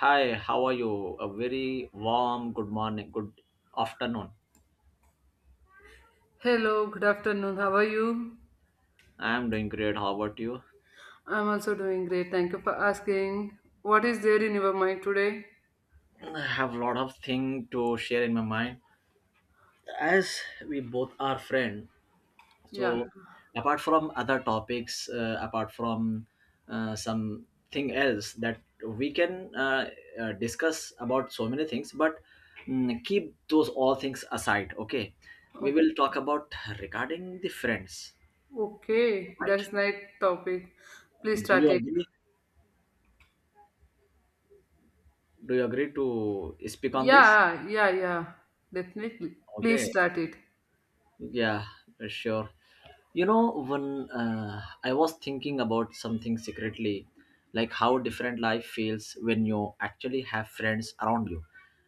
Hi, how are you? A very warm good morning, good afternoon. Hello, good afternoon. How are you? I am doing great. How about you? I'm also doing great. Thank you for asking. What is there in your mind today? I have a lot of thing to share in my mind. As we both are friend, Yeah. so apart from other topics, apart from something else that we can discuss about so many things, but keep those all things aside. Okay, we Oh, will talk about regarding the friends. okay, Right? that's nice topic. Please Do start you it. agree? Do you agree to speak on this. Yeah, yeah, yeah, Definitely. Okay, Please start it. yeah, sure. You know, when I was thinking about something secretly, like how different life feels when you actually have friends around you.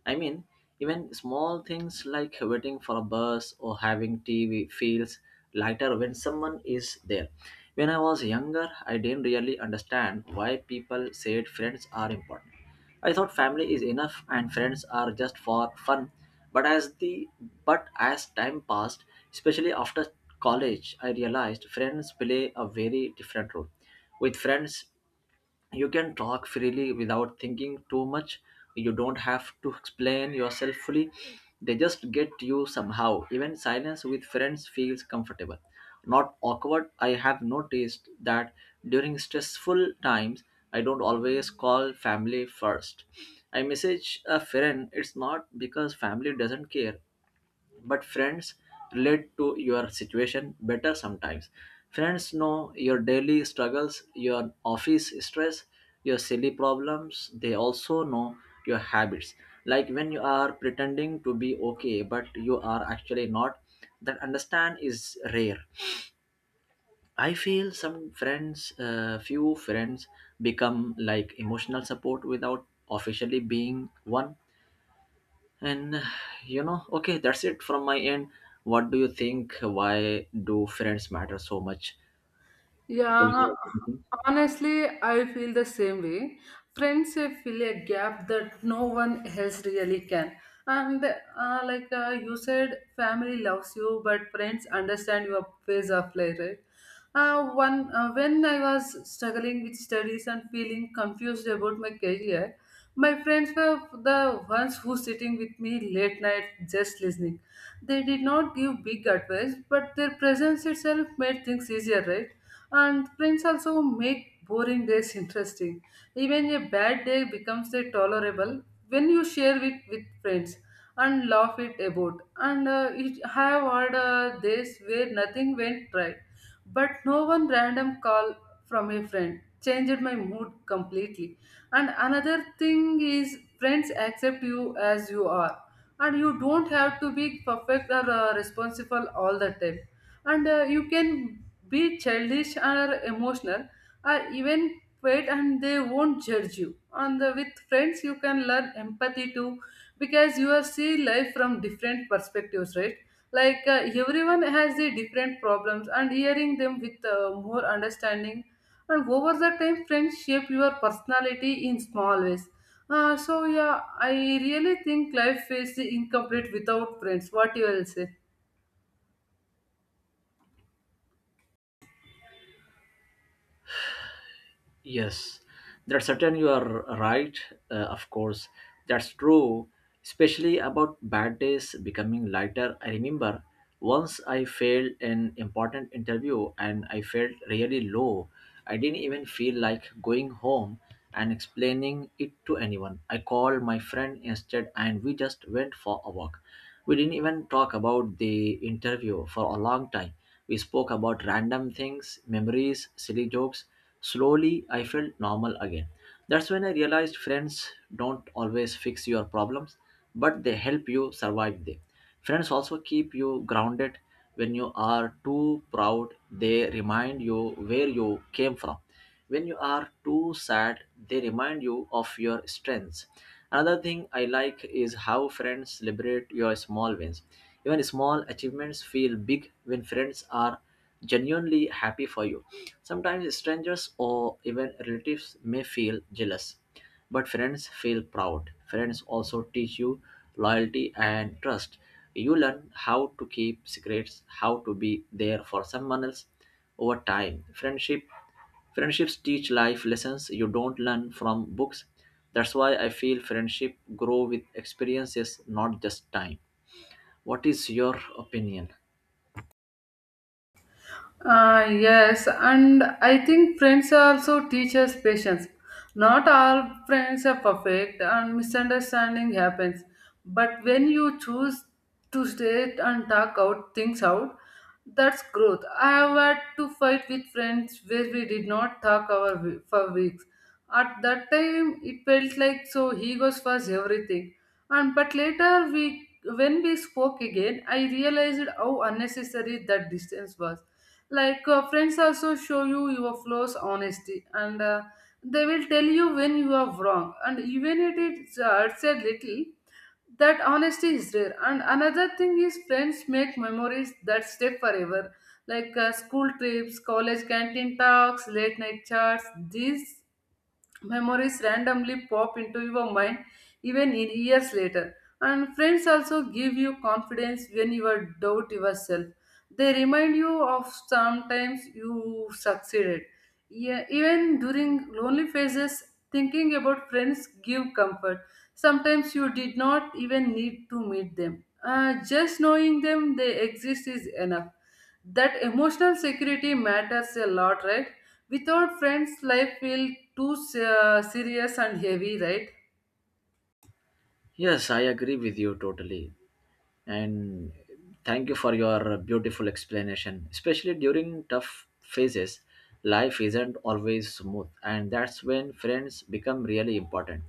I mean, even small things like waiting for a bus or having tea feels lighter when someone is there. When I was younger, I didn't really understand why people said friends are important. I thought family is enough and friends are just for fun. But as the but as time passed, especially after college, I realized friends play a very different role. With friends, you can talk freely without thinking too much, you don't have to explain yourself fully, they just get you somehow. Even silence with friends feels comfortable, not awkward. I have noticed that during stressful times I don't always call family first, I message a friend. It's not because family doesn't care, but friends relate to your situation better sometimes. Friends know your daily struggles, your office stress, your silly problems. They also know your habits, like when you are pretending to be okay but you are actually not. That understand is rare. I feel some friends few friends become like emotional support without officially being one. and uh, okay, that's it from my end. What do you think? Why do friends matter so much? Do you Yeah, have anything? honestly, I feel the same way. Friends fill a gap that no one else really can. And like you said, family loves you, but friends understand your phase of life, right? When I was struggling with studies and feeling confused about my career, my friends were the ones who sitting with me late night just listening. They did not give big advice, but their presence itself made things easier, right? And friends also make boring days interesting. Even a bad day becomes a tolerable when you share it with friends and laugh it about. And it have had days where nothing went right, but no one random call from a friend changed my mood completely, and another thing is, friends accept you as you are, and you don't have to be perfect or responsible all the time. And you can be childish or emotional, or even quiet, and they won't judge you. And with friends, you can learn empathy too, because you are see life from different perspectives, right? Like everyone has the different problems and hearing them with more understanding, and over the time friends shape your personality in small ways. So yeah, I really think life is incomplete without friends. What you will say? Yes, that's certain, you are right, of course. That's true, especially about bad days becoming lighter. I remember once I failed an important interview and I felt really low. I didn't even feel like going home and explaining it to anyone. I called my friend instead and we just went for a walk. We didn't even talk about the interview for a long time. We spoke about random things, memories, silly jokes. Slowly, I felt normal again. That's when I realized friends don't always fix your problems, but they help you survive them. Friends also keep you grounded when you are too proud. They remind you where you came from. When you are too sad, they remind you of your strengths. Another thing I like is how friends celebrate your small wins. Even small achievements feel big when friends are genuinely happy for you. Sometimes strangers or even relatives may feel jealous, but friends feel proud. Friends also teach you loyalty and trust. You learn how to keep secrets, how to be there for someone else over time. Friendships teach life lessons you don't learn from books. That's why I feel friendship grow with experiences, not just time. What is your opinion? Yes, and I think friends also teach us patience. Not all friends are perfect, and misunderstanding happens. But when you choose to stay and talk out things out, that's growth. I have had to fight with friends where we did not talk for weeks. At that time, it felt like so he goes was everything. And but later when we spoke again, I realized how unnecessary that distance was. Like friends also show you your flaws honesty, and they will tell you when you are wrong, and even if it hurts a little, that honesty is rare. And another thing is, friends make memories that stay forever, like school trips, college canteen talks, late night chats. These memories randomly pop into your mind even in years later. And friends also give you confidence when you are doubt yourself. They remind you of sometimes you succeeded. Yeah, even during lonely phases, thinking about friends give comfort. Sometimes you did not even need to meet them. Just knowing them they exist is enough. That emotional security matters a lot, right? Without friends life feel too serious and heavy, right? Yes, I agree with you totally. And thank you for your beautiful explanation. Especially during tough phases, life isn't always smooth, and that's when friends become really important.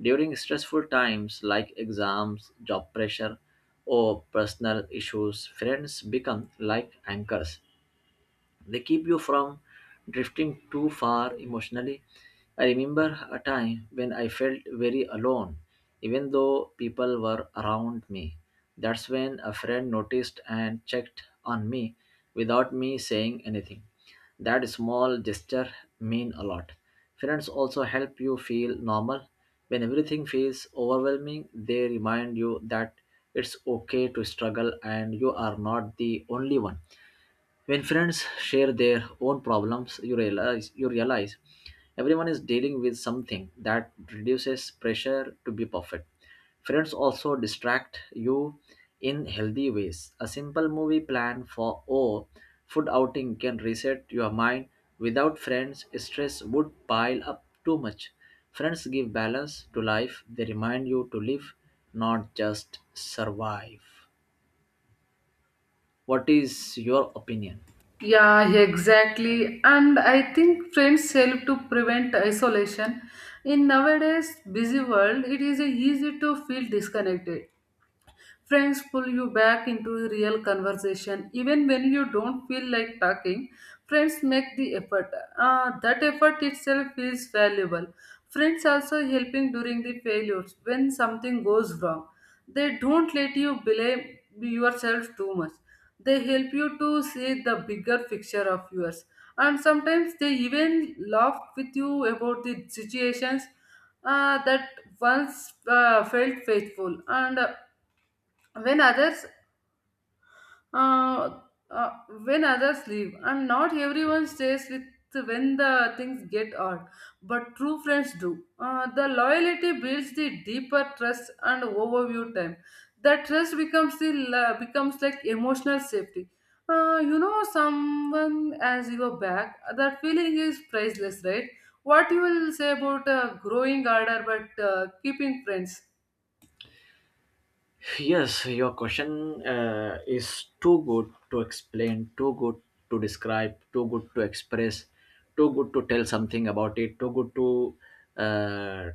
During stressful times like exams, job pressure, or personal issues, friends become like anchors. They keep you from drifting too far emotionally. I remember a time when I felt very alone, even though people were around me. That's when a friend noticed and checked on me without me saying anything. That small gesture mean a lot. Friends also help you feel normal. When everything feels overwhelming, they remind you that it's okay to struggle and you are not the only one. When friends share their own problems, you realize everyone is dealing with something. That reduces pressure to be perfect. Friends also distract you in healthy ways. A simple movie plan for or food outing can reset your mind. Without friends, stress would pile up too much. Friends give balance to life. They remind you to live, not just survive. What is your opinion? Yeah, exactly, and I think friends help to prevent isolation. In nowadays busy world, it is easy to feel disconnected. Friends pull you back into real conversation even when you don't feel like talking. Friends make the effort. That effort itself feels valuable. Friends also helping during the failures when something goes wrong. They don't let you blame yourself too much. They help you to see the bigger picture of yours. And sometimes they even laugh with you about the situations that once felt faithful. And when others uh, uh, when others leave, and not everyone stays with when the things get odd, but true friends do. The loyalty builds the deeper trust, and overview time that trust becomes becomes like emotional safety. You know someone as your back, that feeling is priceless, right? What you will say about growing harder but keeping friends? Yes, your question is too good to explain, too good to describe, too good to express, too good to tell something about it, too good to uh,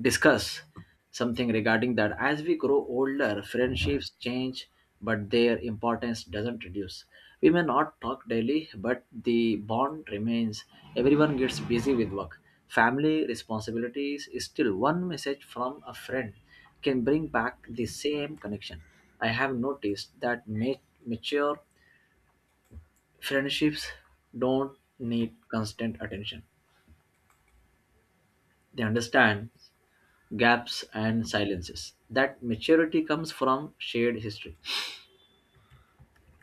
discuss something regarding that. As we grow older, friendships change, but their importance doesn't reduce. We may not talk daily, but the bond remains. Everyone gets busy with work, family responsibilities, still one message from a friend can bring back the same connection. I have noticed that mature friendships don't need constant attention. They understand gaps and silences. That maturity comes from shared history.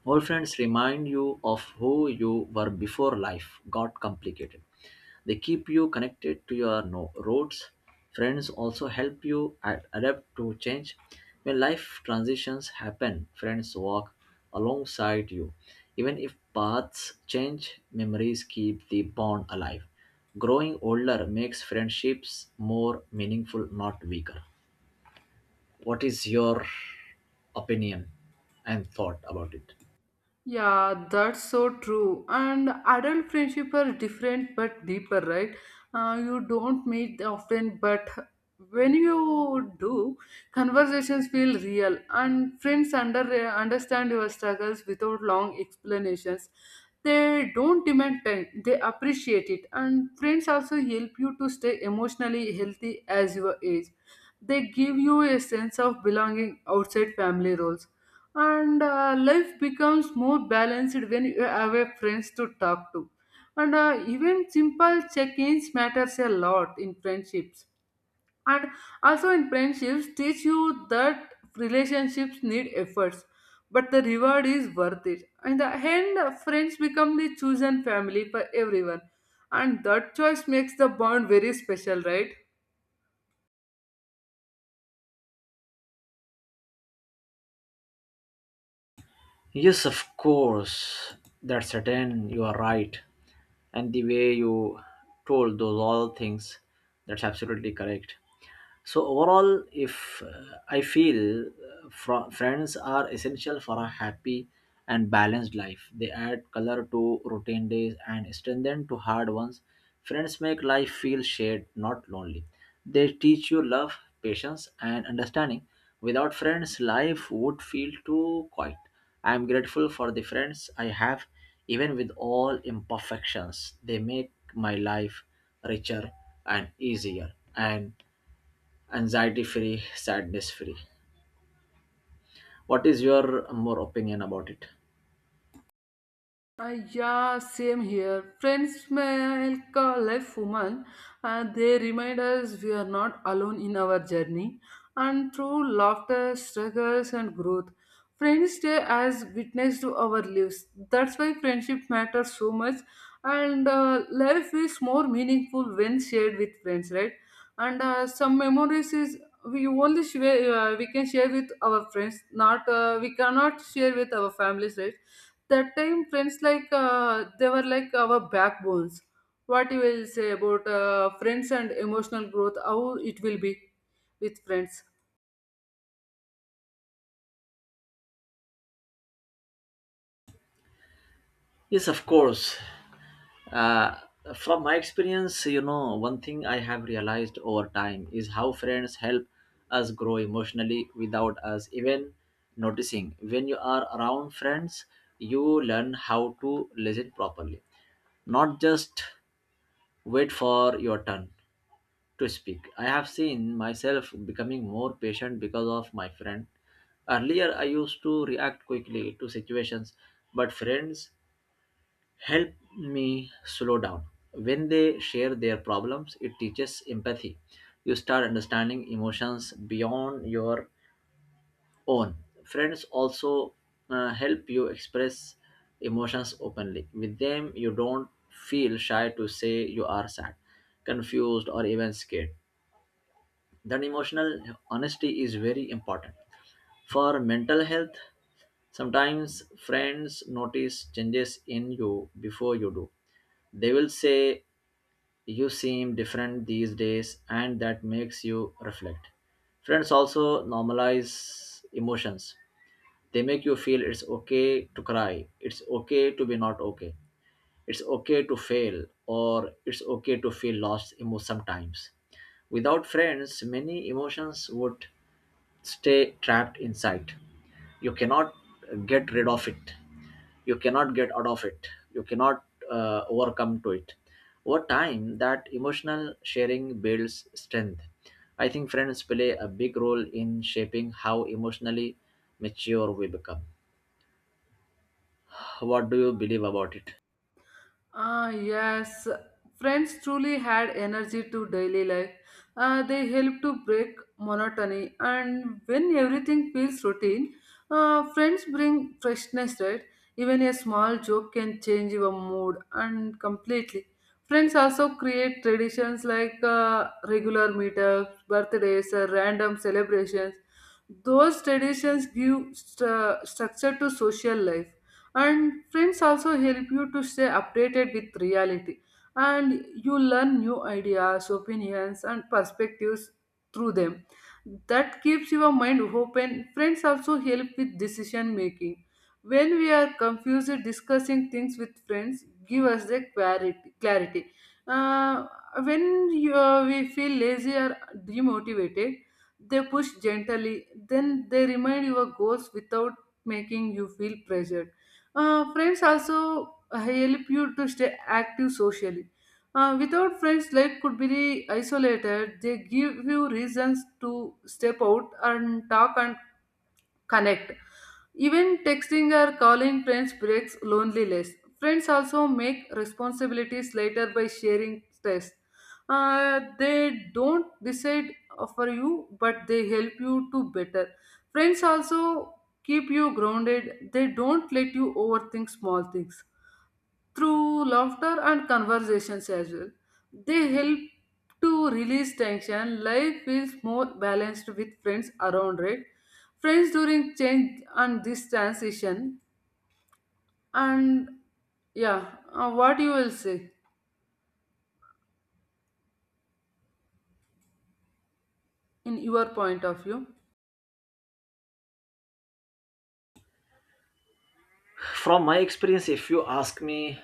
Old friends remind you of who you were before life got complicated. They keep you connected to your roots. Friends also help you adapt to change. When life transitions happen, friends walk alongside you. Even if paths change, memories keep the bond alive. Growing older makes friendships more meaningful, not weaker. What is your opinion and thought about it? Yeah, that's so true. And adult friendship are different but deeper, right? You don't meet often, but when you do, conversations feel real, and friends understand your struggles without long explanations. They don't demand time; they appreciate it, and friends also help you to stay emotionally healthy as your age. They give you a sense of belonging outside family roles, and life becomes more balanced when you have a friends to talk to. And even simple check-ins matters a lot in friendships. And also in friendships teach you that relationships need efforts, but the reward is worth it. In the end friends become the chosen family for everyone, and that choice makes the bond very special, right? Yes, of course. That's certain. You are right. And the way you told those all things, that's absolutely correct. So overall, if I feel friends are essential for a happy and balanced life. They add color to routine days and strengthen to hard ones. Friends make life feel shared, not lonely. They teach you love, patience, and understanding. Without friends, life would feel too quiet. I am grateful for the friends I have. Even with all imperfections, they make my life richer and easier and anxiety free, sadness free. What is your more opinion about it? Yeah, same here. Friends make help a life woman. They remind us we are not alone in our journey. And through laughter, struggles, and growth, friends stay as witness to our lives. That's why friendship matters so much. And life is more meaningful when shared with friends, right? And some memories is we only share, we can share with our friends. Not We cannot share with our families, right? That time friends like they were like our backbones. What you will say about friends and emotional growth, how it will be with friends? Yes, of course. Uh, from my experience, you know, one thing I have realized over time is how friends help us grow emotionally without us even noticing. When you are around friends, you learn how to listen properly, not just wait for your turn to speak. I have seen myself becoming more patient because of my friend. Earlier, I used to react quickly to situations, but friends help me slow down. When they share their problems, it teaches empathy. You start understanding emotions beyond your own. Friends also help you express emotions openly. With them, you don't feel shy to say you are sad, confused, or even scared. That emotional honesty is very important for mental health. Sometimes friends notice changes in you before you do. They will say you seem different these days, and that makes you reflect. Friends also normalize emotions. They make you feel it's okay to cry, it's okay to be not okay, it's okay to fail, or it's okay to feel lost sometimes. Without friends, many emotions would stay trapped inside. You cannot get rid of it. You cannot get out of it. You cannot overcome to it. Over time, that emotional sharing builds strength. I think friends play a big role in shaping how emotionally mature we become. What do you believe about it? Ah, yes. Friends truly had energy to daily life. They help to break monotony, and when everything feels routine, friends bring freshness, right? Even a small joke can change your mood and completely. Friends also create traditions like regular meetups, birthdays, or random celebrations. Those traditions give structure to social life. And friends also help you to stay updated with reality, and you learn new ideas, opinions, and perspectives through them. That keeps your mind open. Friends also help with decision making. When we are confused, discussing things with friends give us the clarity. Uh, when we feel lazy or demotivated, they push gently, then they remind your goals without making you feel pressured. Friends also help you to stay active socially. Without friends, life could be isolated. They give you reasons to step out and talk and connect. Even texting or calling friends breaks loneliness. Friends also make responsibilities later by sharing stress. They don't decide for you, but they help you to better. Friends also keep you grounded. They don't let you overthink small things through laughter and conversations as well. They help to release tension. Life feels more balanced with friends around, right? Friends during change and this transition. And yeah, what you will say in your point of view? From my experience, if you ask me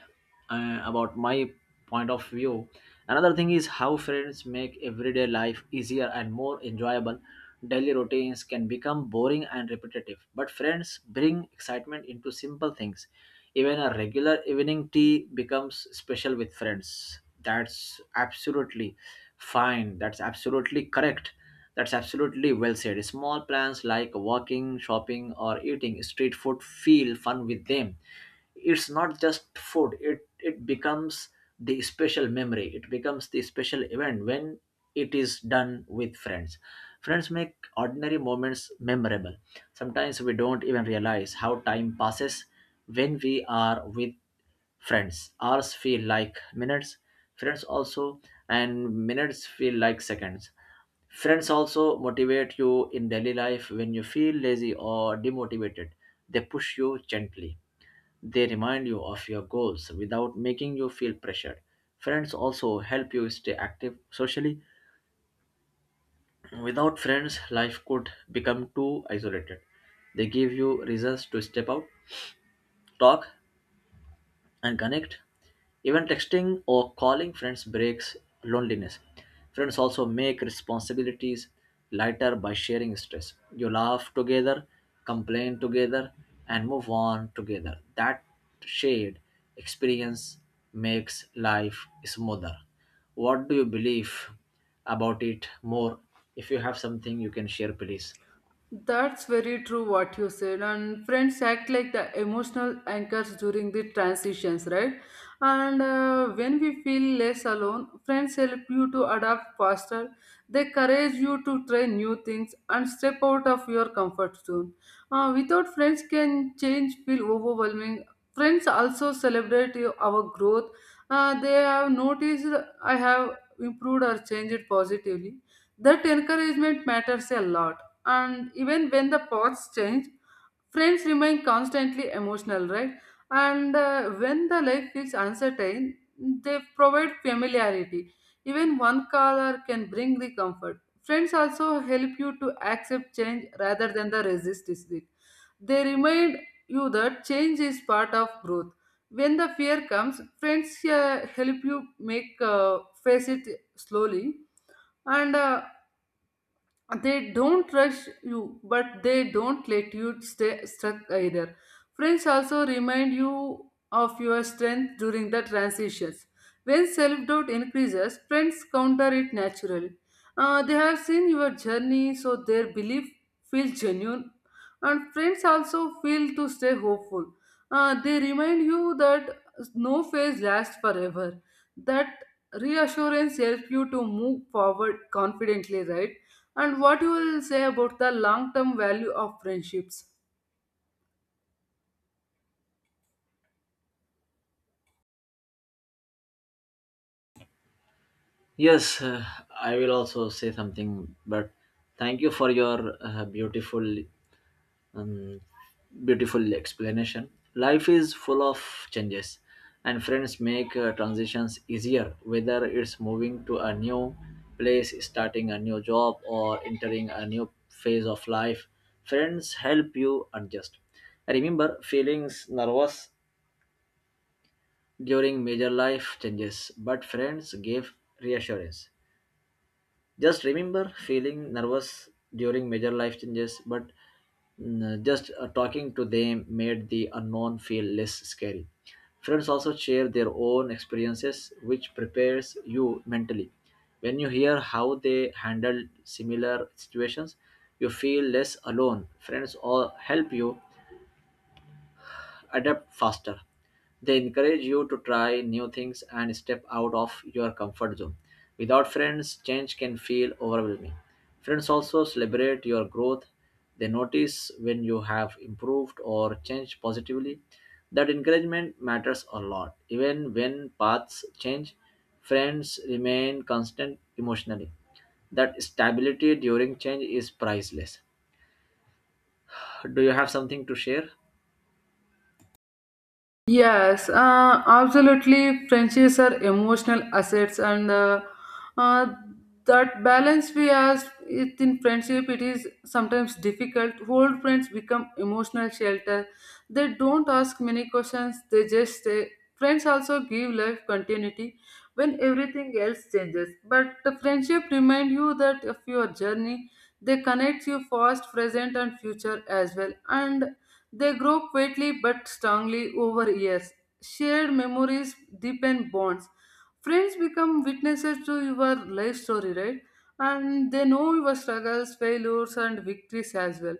about my point of view, another thing is how friends make everyday life easier and more enjoyable. Daily routines can become boring and repetitive, but friends bring excitement into simple things. Even a regular evening tea becomes special with friends. That's absolutely fine, that's absolutely correct, that's absolutely well said. Small plans like walking, shopping, or eating street food feel fun with them. It's not just food, it becomes the special memory, it becomes the special event when it is done with friends. Friends make ordinary moments memorable. Sometimes we don't even realize how time passes when we are with friends. Hours feel like minutes, friends also, and minutes feel like seconds. Friends also motivate you in daily life when you feel lazy or demotivated. They push you gently. They remind you of your goals without making you feel pressured. Friends also help you stay active socially. Without friends, life could become too isolated. They give you reasons to step out, talk, and connect. Even texting or calling friends breaks loneliness. Friends also make responsibilities lighter by sharing stress. You laugh together, complain together, and move on together. That shared experience makes life smoother. What do you believe about it more? If you have something you can share, please. That's very true what you said. And friends act like the emotional anchors during the transitions, right? And when we feel less alone, friends help you to adapt faster. They encourage you to try new things and step out of your comfort zone. Without friends, can change feel overwhelming. Friends also celebrate our growth. They have noticed I have improved or changed positively. That encouragement matters a lot, and even when the paths change, friends remain constantly emotional, right? And when the life feels uncertain, they provide familiarity. Even one color can bring the comfort. Friends also help you to accept change rather than the resist it. They remind you that change is part of growth. When the fear comes, friends help you make face it slowly, and they don't rush you, but they don't let you stay stuck either. Friends also remind you of your strength during the transitions. When self doubt increases, friends counter it naturally. They have seen your journey, so their belief feels genuine. And friends also feel to stay hopeful. They remind you that no phase lasts forever. That reassurance helps you to move forward confidently, right? And what you will say about the long term value of friendships? Yes, I will also say something, but thank you for your um, beautiful explanation. Life is full of changes, and friends make transitions easier, whether it's moving to a new place, starting a new job, or entering a new phase of life. Friends help you adjust. I remember feeling nervous during major life changes, but friends gave reassurance. Just remember feeling nervous during major life changes, but just talking to them made the unknown feel less scary. Friends also share their own experiences, which prepares you mentally. When you hear how they handled similar situations, you feel less alone. Friends all help you adapt faster. They encourage you to try new things and step out of your comfort zone. Without friends, change can feel overwhelming. Friends also celebrate your growth. They notice when you have improved or changed positively. That encouragement matters a lot. Even when paths change, friends remain constant emotionally. That stability during change is priceless. Do you have something to share? Yes, absolutely. Friendships are emotional assets, and uh, that balance we ask it in friendship. It is sometimes difficult. Old friends become emotional shelter. They don't ask many questions. They just stay. Friends also give life continuity when everything else changes. But the friendship remind you that of your journey. They connect you past, present, and future as well. And they grow quietly but strongly over years. Shared memories deepen bonds. Friends become witnesses to your life story, right? And they know your struggles, failures, and victories as well.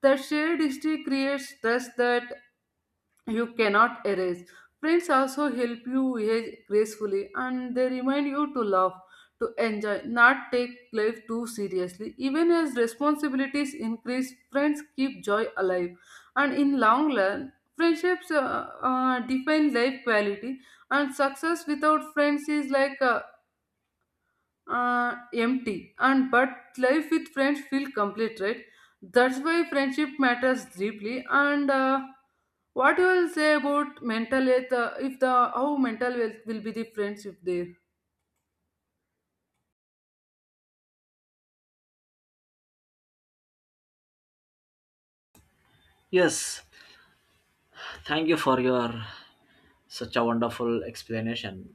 That shared history creates trust that you cannot erase. Friends also help you age gracefully, and they remind you to love, to enjoy, not take life too seriously. Even as responsibilities increase, friends keep joy alive. And in long run, friendships define life quality, and success without friends is like empty and but life with friends feel complete, right? That's why friendship matters deeply. And what you will say about mental health, if the how mental health will be the friendship there? Yes, thank you for your such a wonderful explanation.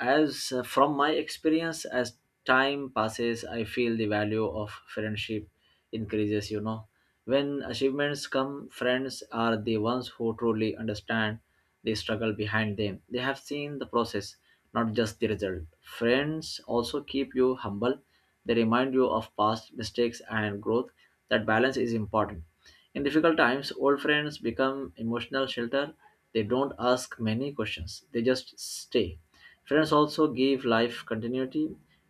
As from my experience, as time passes, I feel the value of friendship increases. You know, when achievements come, friends are the ones who truly understand the struggle behind them. They have seen the process, not just the result. Friends also keep you humble. They remind you of past mistakes and growth. That balance is important. In difficult times, old friends become emotional shelter. They don't ask many questions, they just stay. Friends also give life continuity.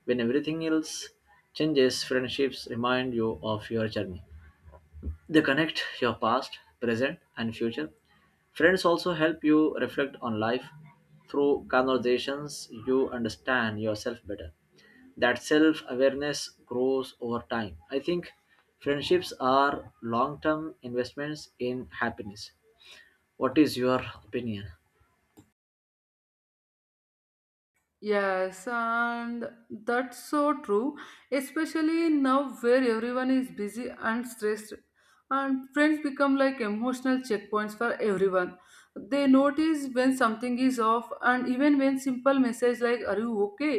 When everything else changes, friendships remind you of your journey. They connect your past, present, and future. Friends also help you reflect on life. Through conversations, you understand yourself better. That self awareness grows over time. I think friendships are long term investments in happiness. What is your opinion? Yes, and that's so true, especially now where everyone is busy and stressed, and friends become like emotional checkpoints for everyone. They notice when something is off, and even when simple message like "Are you okay?"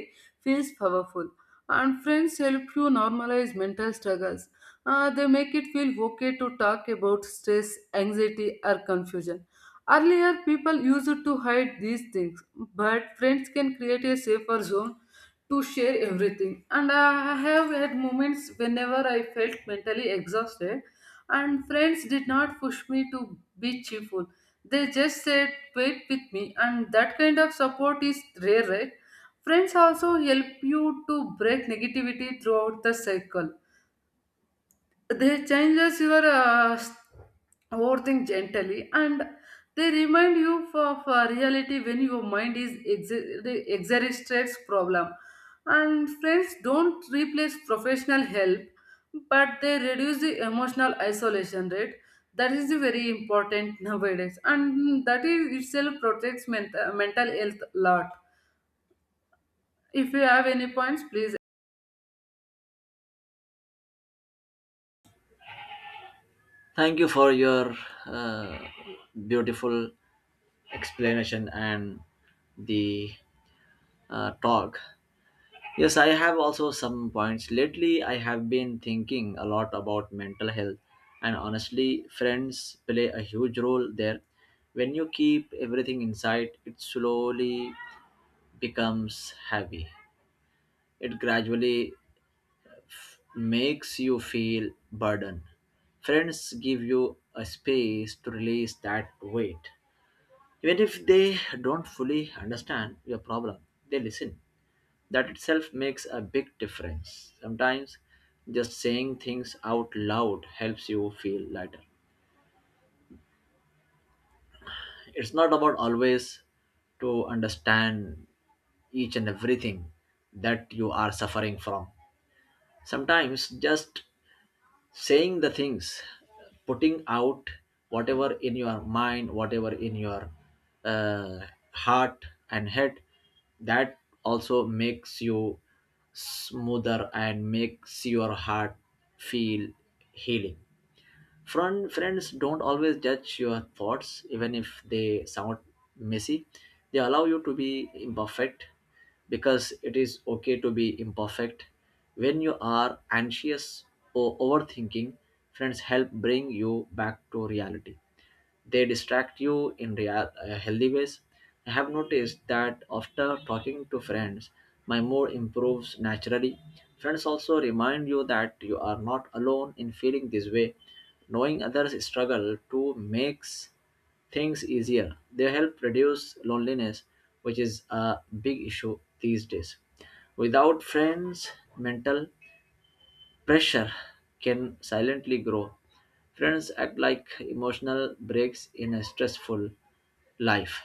feels powerful. And friends help you normalize mental struggles. They make it feel okay to talk about stress, anxiety, or confusion. Earlier, people used to hide these things, but friends can create a safer zone to share everything. And I have had moments whenever I felt mentally exhausted, and friends did not push me to be cheerful. They just said, "Wait with me," and that kind of support is rare, right? Friends also help you to break negativity throughout the cycle. They changes your overthink gently, and they remind you of reality when your mind is exaggerates problem. And friends don't replace professional help, but they reduce the emotional isolation rate. That is the very important nowadays, and that is itself protects mental health a lot. If you have any points, please. Thank you for your uh, beautiful explanation and the talk. Yes, I have also some points. Lately, I have been thinking a lot about mental health, and honestly, friends play a huge role there. When you keep everything inside, it slowly becomes heavy. It gradually makes you feel burden. Friends give you a space to release that weight. Even if they don't fully understand your problem, they listen. That itself makes a big difference. Sometimes just saying things out loud helps you feel lighter. It's not about always to understand each and everything that you are suffering from. Sometimes just saying the things, putting out whatever in your mind, whatever in your uh, heart and head, that also makes you smoother and makes your heart feel healing. Friends don't always judge your thoughts, even if they sound messy. They allow you to be imperfect, because it is okay to be imperfect. When you are anxious or overthinking, friends help bring you back to reality. They distract you in real, healthy ways. I have noticed that after talking to friends, my mood improves naturally. Friends also remind you that you are not alone in feeling this way. Knowing others struggle to makes things easier. They help reduce loneliness, which is a big issue these days. Without friends, mental pressure can silently grow. Friends act like emotional breaks in a stressful life.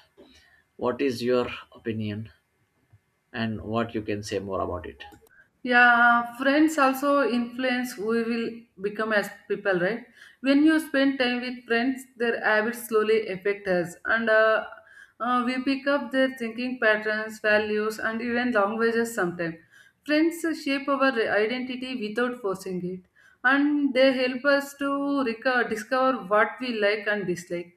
What is your opinion and what you can say more about it? Yeah, friends also influence who we will become as people, right? When you spend time with friends, their habits slowly affect us, and we pick up their thinking patterns, values, and even languages sometimes. Friends shape our identity without forcing it, and they help us to discover what we like and dislike.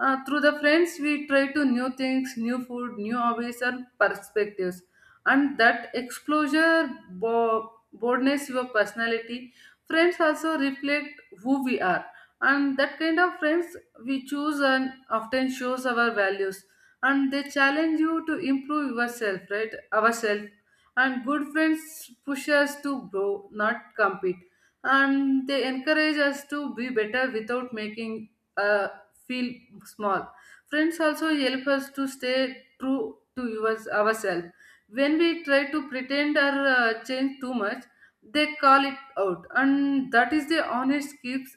Through the friends, we try to new things, new food, new hobbies, and perspectives, and that exposure broadens your personality. Friends also reflect who we are, and that kind of friends we choose and often shows our values, and they challenge you to improve yourself, right? Ourself. And good friends push us to grow not compete, and they encourage us to be better without making uh, feel small. Friends also help us to stay true to ourselves. When we try to pretend or change too much, they call it out, and that is the honest keeps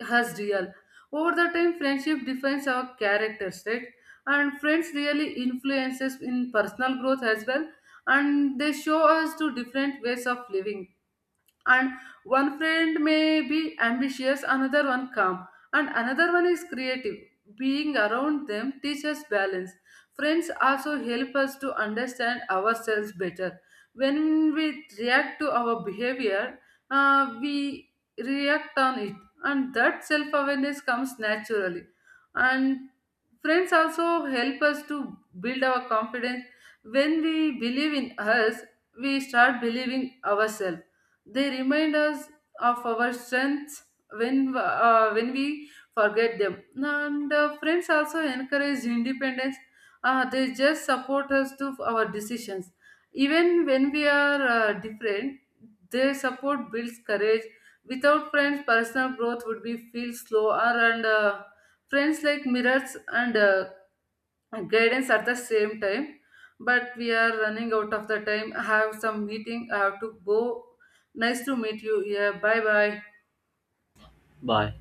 us real. Over the time friendship defines our characters, right? And friends really influences in personal growth as well, and they show us to different ways of living. And one friend may be ambitious, another one calm, and another one is creative. Being around them teaches balance. Friends also help us to understand ourselves better. When we react to our behavior, we react on it, and that self-awareness comes naturally. And friends also help us to build our confidence. When we believe in us, we start believing ourselves. They remind us of our strengths when we forget them. And friends also encourage independence. They just support us to our decisions. Even when we are different, their support builds courage. Without friends, personal growth would be feel slower. And friends like mirrors and guidance at the same time. But we are running out of the time. I have some meeting, I have to go. Nice to meet you. Yeah, bye bye. Bye.